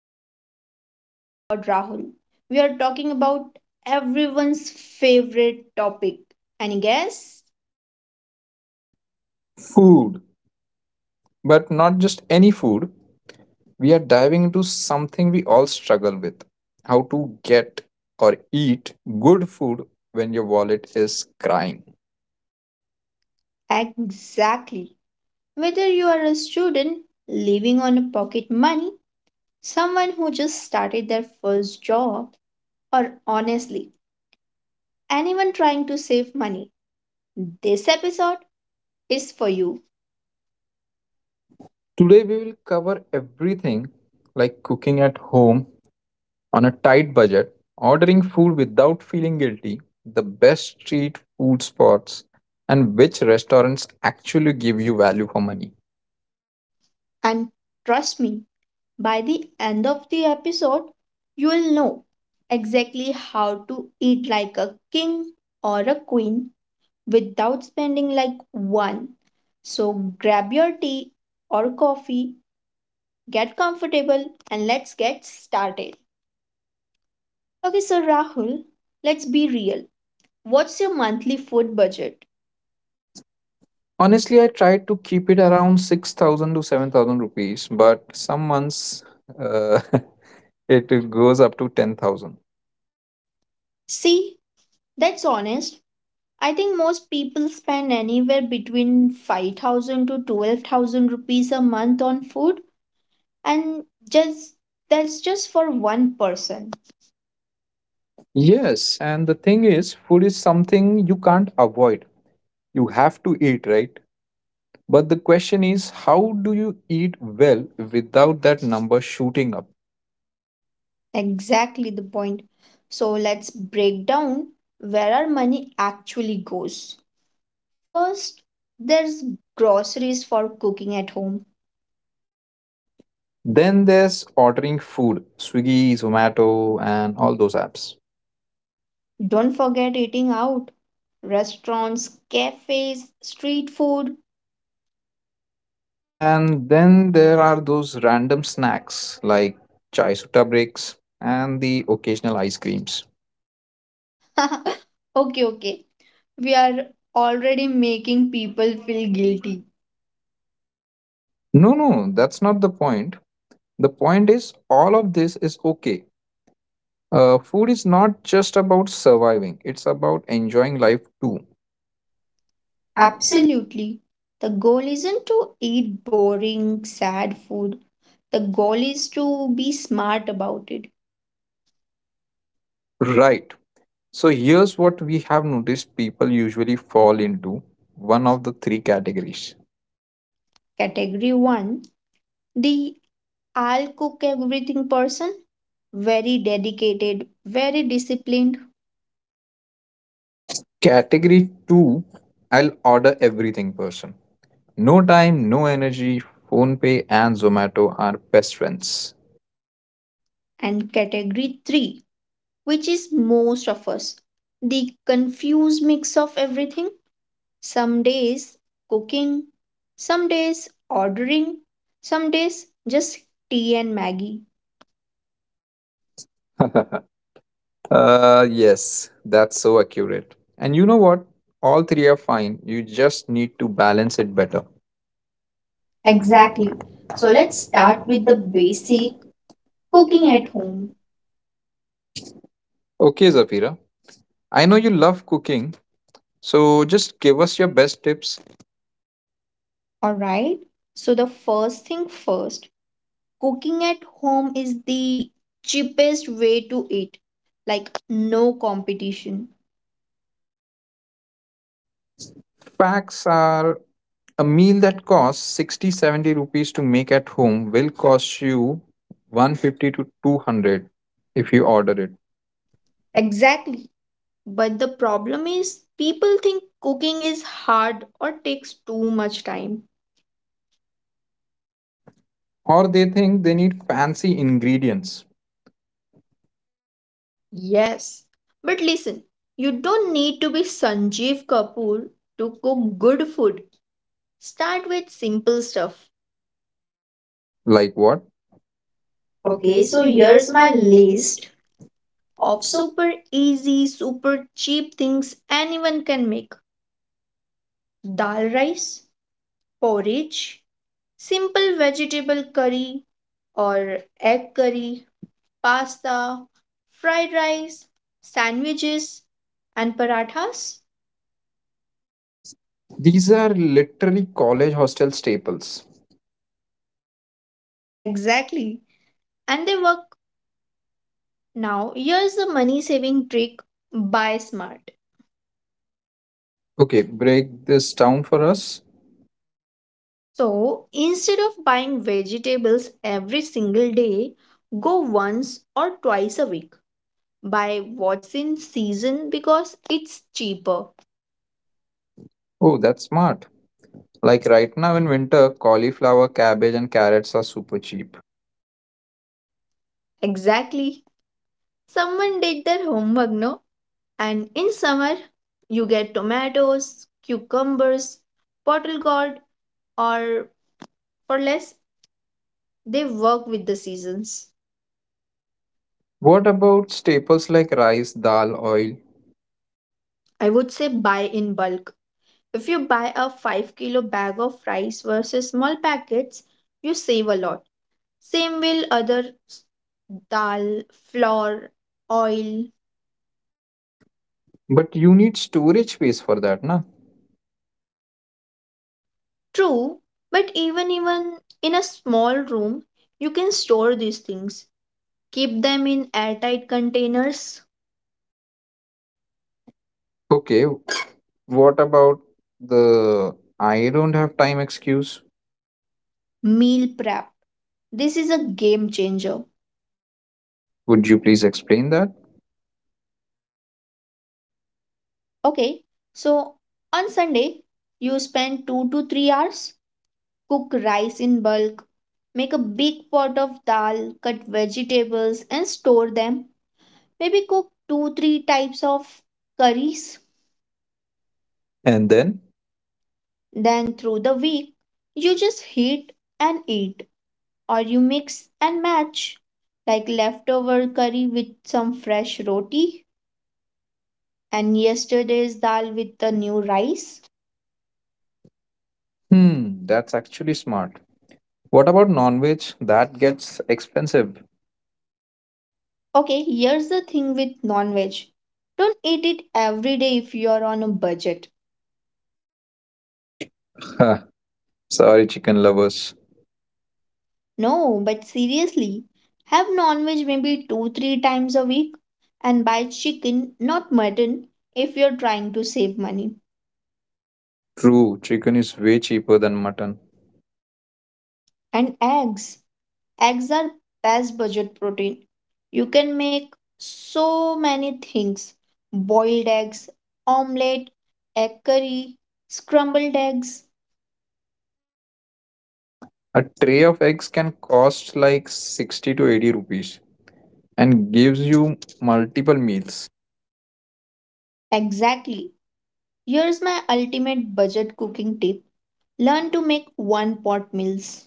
today, oh my god, Rahul, we are talking about everyone's favorite topic. And guess? Food, but not just any food. We are diving into something we all struggle with, how to get or eat good food when your wallet is crying. Exactly. Whether you are a student living on a pocket money, someone who just started their first job, or honestly, anyone trying to save money, this episode is for you. Today, we will cover everything like cooking at home on a tight budget, ordering food without feeling guilty, the best street food spots, and which restaurants actually give you value for money. And trust me, by the end of the episode, you will know exactly how to eat like a king or a queen without spending like one. So grab your tea or coffee, get comfortable, and let's get started. Okay, so Rahul, let's be real. What's your monthly food budget? Honestly, I tried to keep it around 6,000 to 7,000 rupees, but some months uh, it goes up to 10,000. See, that's honest. I think most people spend anywhere between 5,000 to 12,000 rupees a month on food, and just that's just for one person. Yes, and the thing is, food is something you can't avoid. You have to eat, right? But the question is, how do you eat well without that number shooting up? Exactly the point. So let's break down where our money actually goes. First, there's groceries for cooking at home. Then there's ordering food, Swiggy, Zomato, and all those apps. Don't forget eating out. Restaurants, cafes, street food. And then there are those random snacks like chai sutta breaks and the occasional ice creams. Okay, okay. We are already making people feel guilty. No, no, that's not the point. The point is, all of this is okay. Food is not just about surviving, it's about enjoying life too. Absolutely. Absolutely. The goal isn't to eat boring, sad food. The goal is to be smart about it. Right. So here's what we have noticed, people usually fall into one of the three categories. Category 1, the I'll cook everything person, very dedicated, very disciplined, Category 2, I'll order everything person. No time, no energy. PhonePe and Zomato are best friends. and category 3, which is most of us, the confused mix of everything. Some days cooking, some days ordering, some days just tea and Maggie. Yes, that's so accurate. And you know what? All three are fine. You just need to balance it better. Exactly. Exactly. So So let's let's start start with with the the basic, basic cooking cooking at at home. home. Okay, Zafira. I know you love cooking, so just give us your best tips. All right. So the first thing first, cooking at home is the cheapest way to eat. Like no competition. Facts are, a meal that costs 60, 70 rupees to make at home will cost you 150 to 200 if you order it. Exactly. But the problem is people think cooking is hard or takes too much time. Or they think they need fancy ingredients. Yes, but listen, you don't need to be Sanjeev Kapoor to cook good food. Start with simple stuff. Like what? Okay, Okay, so so here's here's my my list list of of so super easy, super cheap things anyone can make: dal rice, porridge, simple vegetable curry or egg curry, pasta, fried rice, sandwiches, and parathas. these are literally college hostel staples. Exactly. And they work. Now, here's the money saving trick: buy smart. Okay, break this down for us. So, instead of buying vegetables every single day, go once or twice a week. Buy what's in season because it's cheaper. Oh, that's smart. Like right now in winter, cauliflower, cabbage, and carrots are super cheap. Exactly. Someone did their homework, no? And in summer, you get tomatoes, cucumbers, bottle gourd, or for less, they work with the seasons. What about staples like rice, dal, oil? I would say buy in bulk. If you buy a 5-kilo bag of rice versus small packets, you save a lot. Same will other s- dal, flour, oil. But you need storage space for that, na? True, but even in a small room, you can store these things. Keep them in airtight containers, Okay, what about the I don't have time excuse? meal prep. This is a game changer. Would you please explain that? Okay, so on Sunday, you spend 2 to 3 hours, cook rice in bulk. Make a big pot of dal, cut vegetables and store them. Maybe cook 2 3 types of curries. And then, Then through the week, you just heat and eat, or you mix and match, like leftover curry with some fresh roti and yesterday's dal with the new rice. hmm, that's actually smart. What about non veg? That gets expensive. Okay, here's the thing with non-veg. Don't eat it every day if you're on a budget. Ha, sorry, chicken lovers. No, but seriously, have non veg maybe 2, 3 times a week, and buy chicken, not mutton, if you're trying to save money. True, chicken is way cheaper than mutton. And eggs. Eggs are best budget protein. You can make so many things: boiled eggs, omelette, egg curry, scrambled eggs. A tray of eggs can cost like 60 to 80 rupees and gives you multiple meals. Exactly. Here's my ultimate budget cooking tip: learn to make one pot meals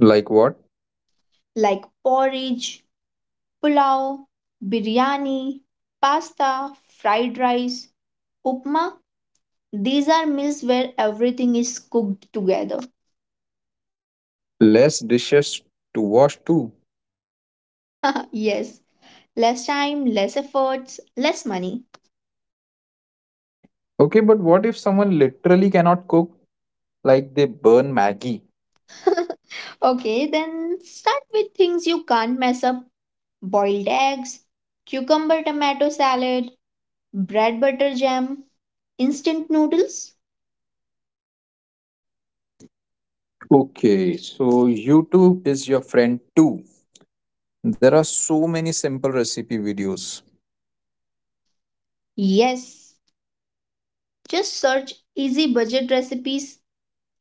Like what? like porridge, pulao, biryani, pasta, fried rice, upma. These are meals where everything is cooked together. Less dishes to wash too. Yes, less time, less efforts, less money. Okay, but what if someone literally cannot cook, like they burn Maggie? Okay, then start with things you can't mess up: boiled eggs, cucumber tomato salad, bread butter jam, instant noodles? Okay, so YouTube is your friend too. There are so many simple recipe videos. Yes. Just search easy budget recipes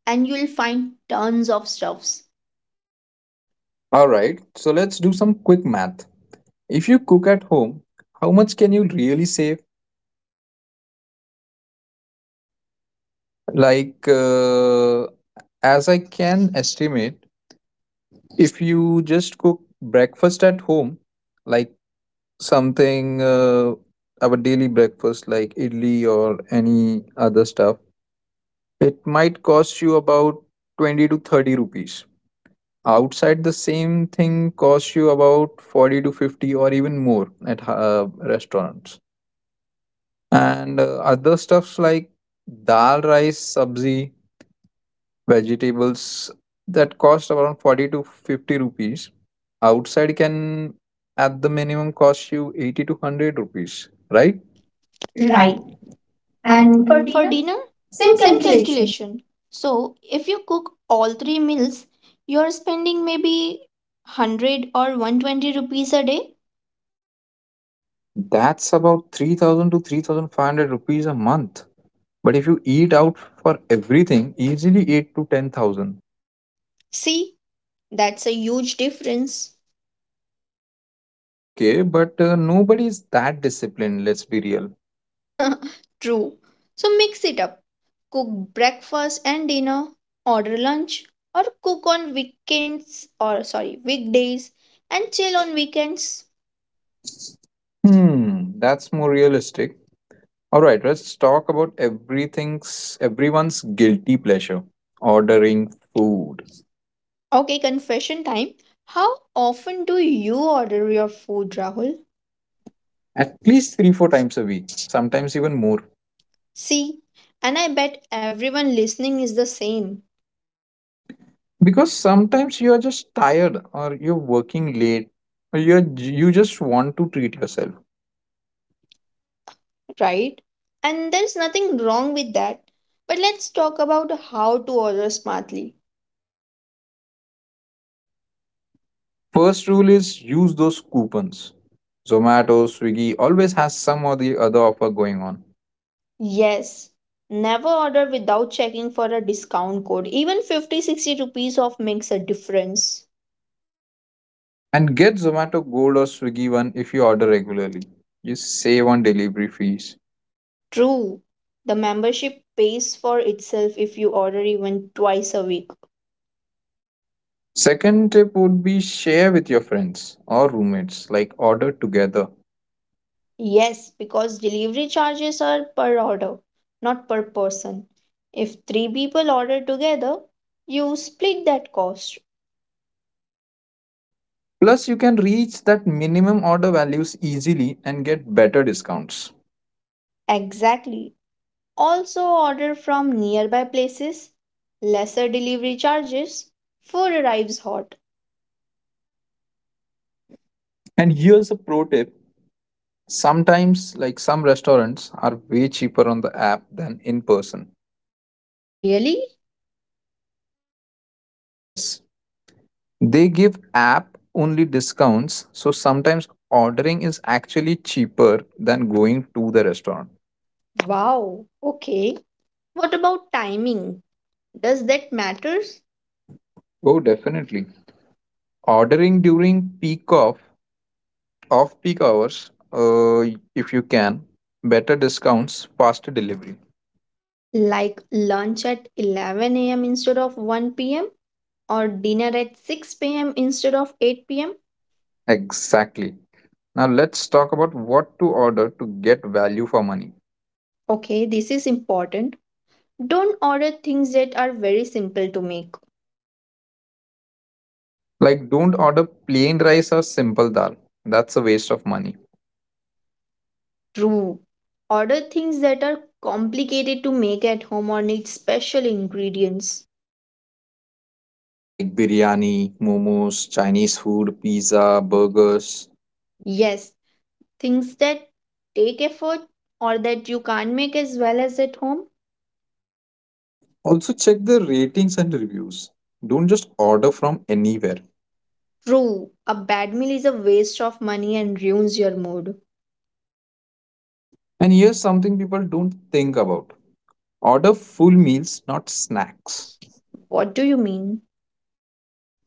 and you'll find tons of stuffs. Alright, so let's do some quick math. If you cook at home, how much can you really save? Like, uh, as I can estimate, if you just cook breakfast at home, like something, our daily breakfast, like idli or any other stuff, it might cost you about 20 to 30 rupees. Outside, the same thing costs you about 40 to 50 or even more at restaurants. And other stuffs like dal rice sabzi vegetables that cost around 40 to 50 rupees outside can at the minimum cost you 80 to 100 rupees, right? Right. Right. And And for for dinner, dinner, same same calculation. calculation. So if you cook all three meals, you're spending maybe 100 or 120 rupees a day. That's about 3,000 to 3,500 rupees a month, but if you eat out for everything, easily 8 to 10,000. See, that's a huge difference. Okay, but nobody is that disciplined, let's be real. True. So mix it up. Cook breakfast and dinner, order lunch, or cook on weekends or sorry, weekdays, and chill on weekends. Hmm, that's more realistic. All right, let's talk about everything's everyone's guilty pleasure, ordering food. Okay, confession time. How often do you order your food, Rahul? At least 3 4 times a week, sometimes even more. See, and I bet everyone listening is the same, Because sometimes you are just tired or you're working late or you just want to treat yourself. right? And there's nothing wrong with that. But let's talk about how to order smartly. First rule is use those coupons. Zomato, Swiggy always has some or the other offer going on. Yes, never order without checking for a discount code. Even 50, 60 rupees off makes a difference. And get Zomato Gold or Swiggy one if you order regularly. You save on delivery fees. True, the membership pays for itself if you order even twice a week. Second tip would be share with your friends or roommates, like order together. Yes, because delivery charges are per order, not per person. If three people order together, you split that cost. Plus, you can reach that minimum order values easily and get better discounts. Exactly. Also, order from nearby places, lesser delivery charges, food arrives hot. And here's a pro tip, sometimes, like some restaurants, are way cheaper on the app than in person. Really? Yes, they give app only discounts, so sometimes ordering is actually cheaper than going to the restaurant. Wow. Okay. What about timing? Does that matters? Oh, definitely. Ordering during peak off Off peak hours, if you can, better discounts, faster delivery. Like lunch at 11 a.m. instead of 1 p.m., or dinner at 6 p.m. instead of 8 p.m. Exactly. Now let's talk about what to order to get value for money. Okay, this is important. Don't order things that are very simple to make. Like, don't order plain rice or simple dal. That's a waste of money. True. Order things that are complicated to make at home or need special ingredients. Like biryani, momos, Chinese food, pizza, burgers. Yes, things that take effort or that you can't make as well as at home. Also, check the ratings and reviews. Don't just order from anywhere. True. A bad meal is a waste of money and ruins your mood. And here's something people don't think about, order full meals, not snacks. What do you mean?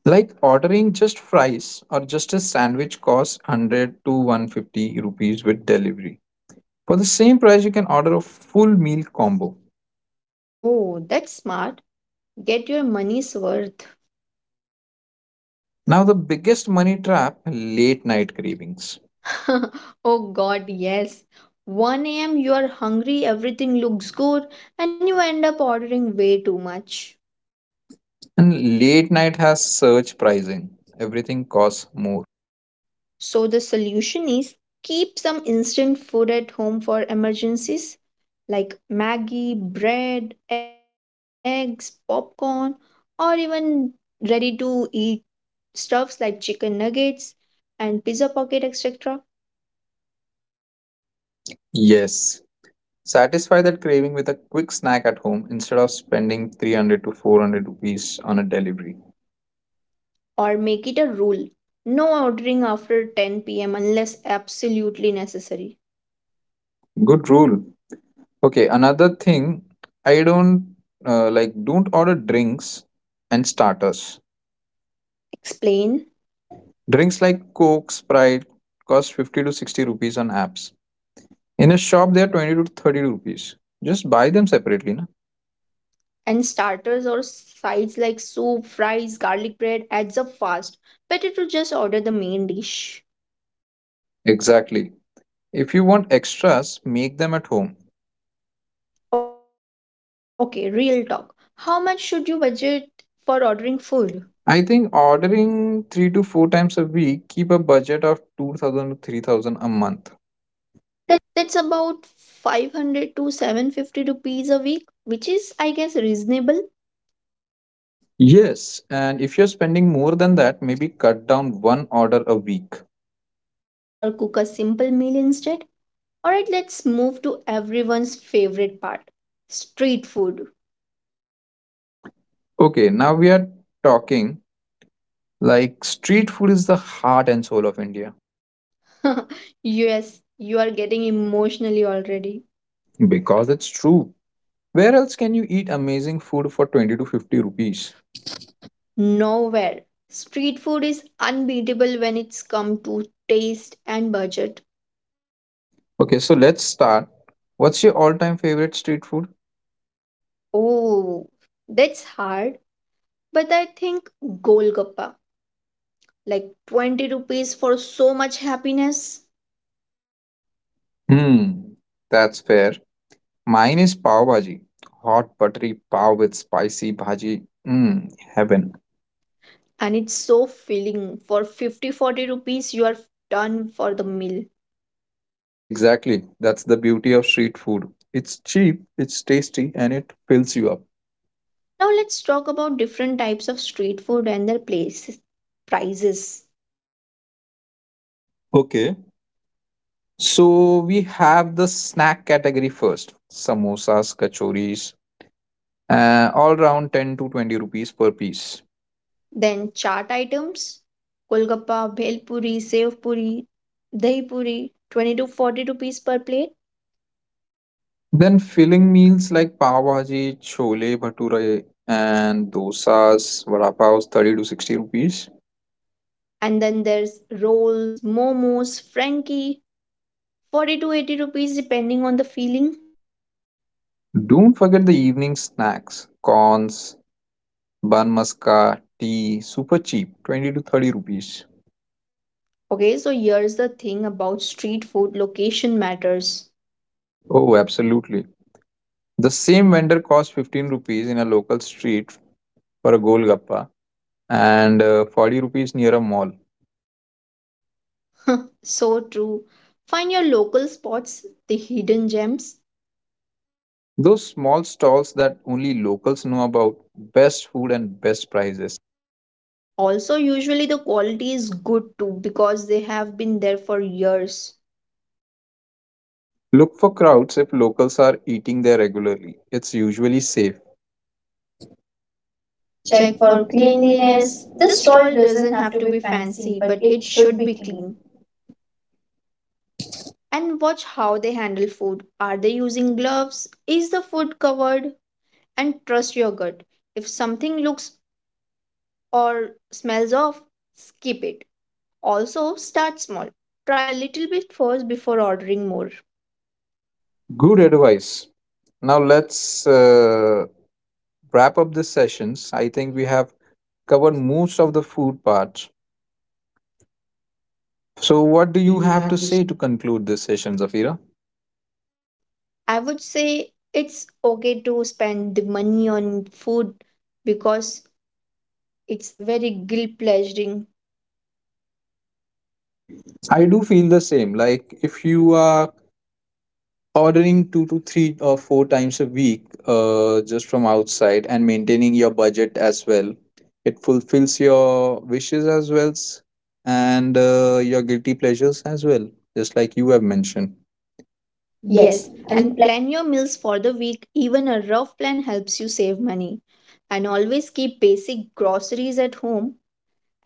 Like ordering just fries or just a sandwich costs 100 to 150 rupees with delivery. For the same price, you can order a full meal combo. Oh, that's smart. Get your money's worth. Now, the biggest money trap, late night cravings. Oh god, yes. 1 a.m. you are hungry, everything looks good, and you end up ordering way too much. And late night has surge pricing, everything costs more. So the solution is, keep some instant food at home for emergencies like Maggie, bread, eggs, popcorn, or even ready to eat stuffs like chicken nuggets and pizza pocket, etc. Yes, satisfy that craving with a quick snack at home instead of spending 300 to 400 rupees on a delivery. Or make it a rule: no ordering after 10 p.m. unless absolutely necessary. Good rule. Okay, another thing, I don't like don't order drinks and starters. Explain. Drinks like Coke, Sprite cost 50 to 60 rupees on apps. In a shop, they are 20 to 30 rupees. Just buy them separately, na? And starters or sides like soup, fries, garlic bread adds up fast, better to just order the main dish. Exactly. If you want extras, make them at home. Okay, real talk, how much should you budget for ordering food? I think ordering 3 to 4 times a week, keep a budget of 2000 to 3000 a month. That's about 500 to 750 rupees a week, which is, I guess, reasonable. Yes, and if you're spending more than that, maybe cut down one order a week. Or cook a simple meal instead. All right, let's move to everyone's favorite part: street food. Okay, now we are talking. Like street food is the heart and soul of India Yes, you are getting emotionally already. because it's true. Where else can you eat amazing food for 20 to 50 rupees? Nowhere. Street food is unbeatable when it's come to taste and budget. Okay, so let's start. What's your all time favorite street food? Oh, that's hard. But I think golgappa, like 20 rupees for so much happiness. Hmm, that's fair. Mine is pav bhaji. Hot buttery pav with spicy bhaji. Mmm, heaven. And it's so filling. For 50, 40 rupees, you are done for the meal. Exactly. That's the beauty of street food. It's cheap, it's tasty, and it fills you up. Now let's talk about different types of street food and their places, prices. Okay, so we have the snack category first, samosas, kachoris, all around 10 to 20 rupees per piece. Then chaat items, kolgappa, bhel puri, sev puri, dahi puri, 20 to 40 rupees per plate. Then filling meals like pav bhaji, chole, bhature, and dosas, vada pavs, 30 to 60 rupees. And then there's rolls, momos, frankie, 40 to 80 rupees depending on the feeling. Don't forget the evening snacks, corns, bun maska, tea, super cheap, 20 to 30 rupees. Okay, so here's the thing about street food: location matters. Oh, absolutely. The same vendor costs 15 rupees in a local street for a golgappa and 40 rupees near a mall. So true. Find your local spots, the hidden gems. Those small stalls that only locals know about, best food and best prices. Also, usually the quality is good too because they have been there for years. Look for crowds, if locals are eating there regularly, it's usually safe. Check Check for for cleanliness. cleanliness. The The stall stall doesn't doesn't have have to to be be fancy, fancy, but but it it should should be be clean. clean. And watch how they handle food. Are they using gloves? Is the food covered? And trust your gut. If something looks or smells off, skip it. Also, start small. Try a little bit first before ordering more. Good advice. Now let's wrap up the sessions. I think we have covered most of the food part. So, So, what do what do you you have have to to say? say to conclude this session, Zafira? I would say it's okay to spend the money on food because it's very guilt pleasuring. I do feel the same. Like if you are ordering 2 to 3 or 4 times a week, just from outside and maintaining your budget as well, it fulfills your wishes as well and your guilty pleasures as well, just like you have mentioned. Yes, Yes, and and pla- plan your meals for the week. Even a rough plan helps you save money. And always keep basic groceries at home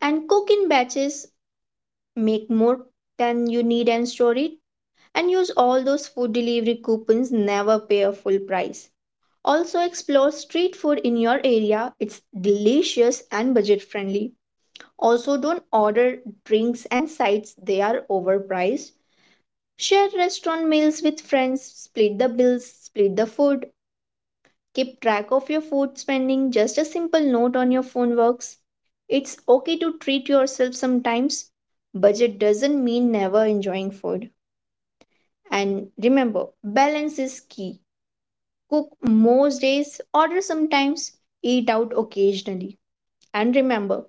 and cook in batches. Make more than you need and store it. And use all those food delivery coupons, never pay a full price. Also, explore street food in your area. It's delicious and budget friendly. Also, don't order drinks and sides, they are overpriced. Share restaurant meals with friends, split the bills, split the food. Keep track of your food spending, just a simple note on your phone works. It's okay to treat yourself sometimes. Budget doesn't mean never enjoying food. And remember, balance is key. Cook most days, order sometimes, eat out occasionally. And remember,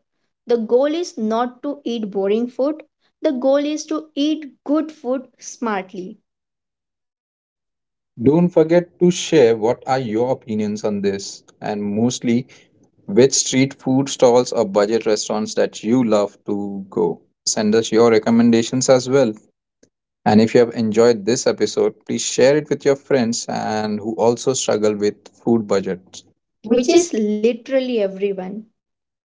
the goal is not to eat boring food, the goal is to eat good food smartly, don't forget to share what are your opinions on this and mostly which street food stalls or budget restaurants that you love to go. Send us your recommendations as well. And if you have enjoyed this episode, please share it with your friends and who also struggle with food budgets. Which which is is literally everyone.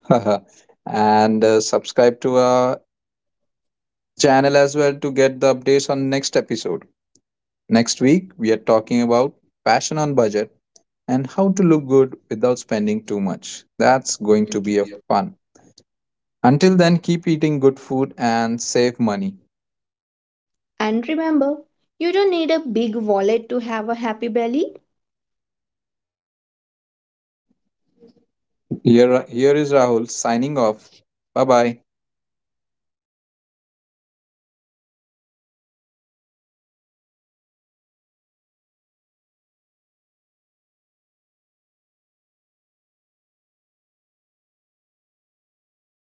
and subscribe to our channel as well to get the updates on next episode. Next week we are talking about fashion on budget and how to look good without spending too much. That's That's going going to to be a be a— fun. Until then, keep eating good food and save money. And remember, you don't need a big wallet to have a happy belly. Here, here is Rahul signing off. Bye bye.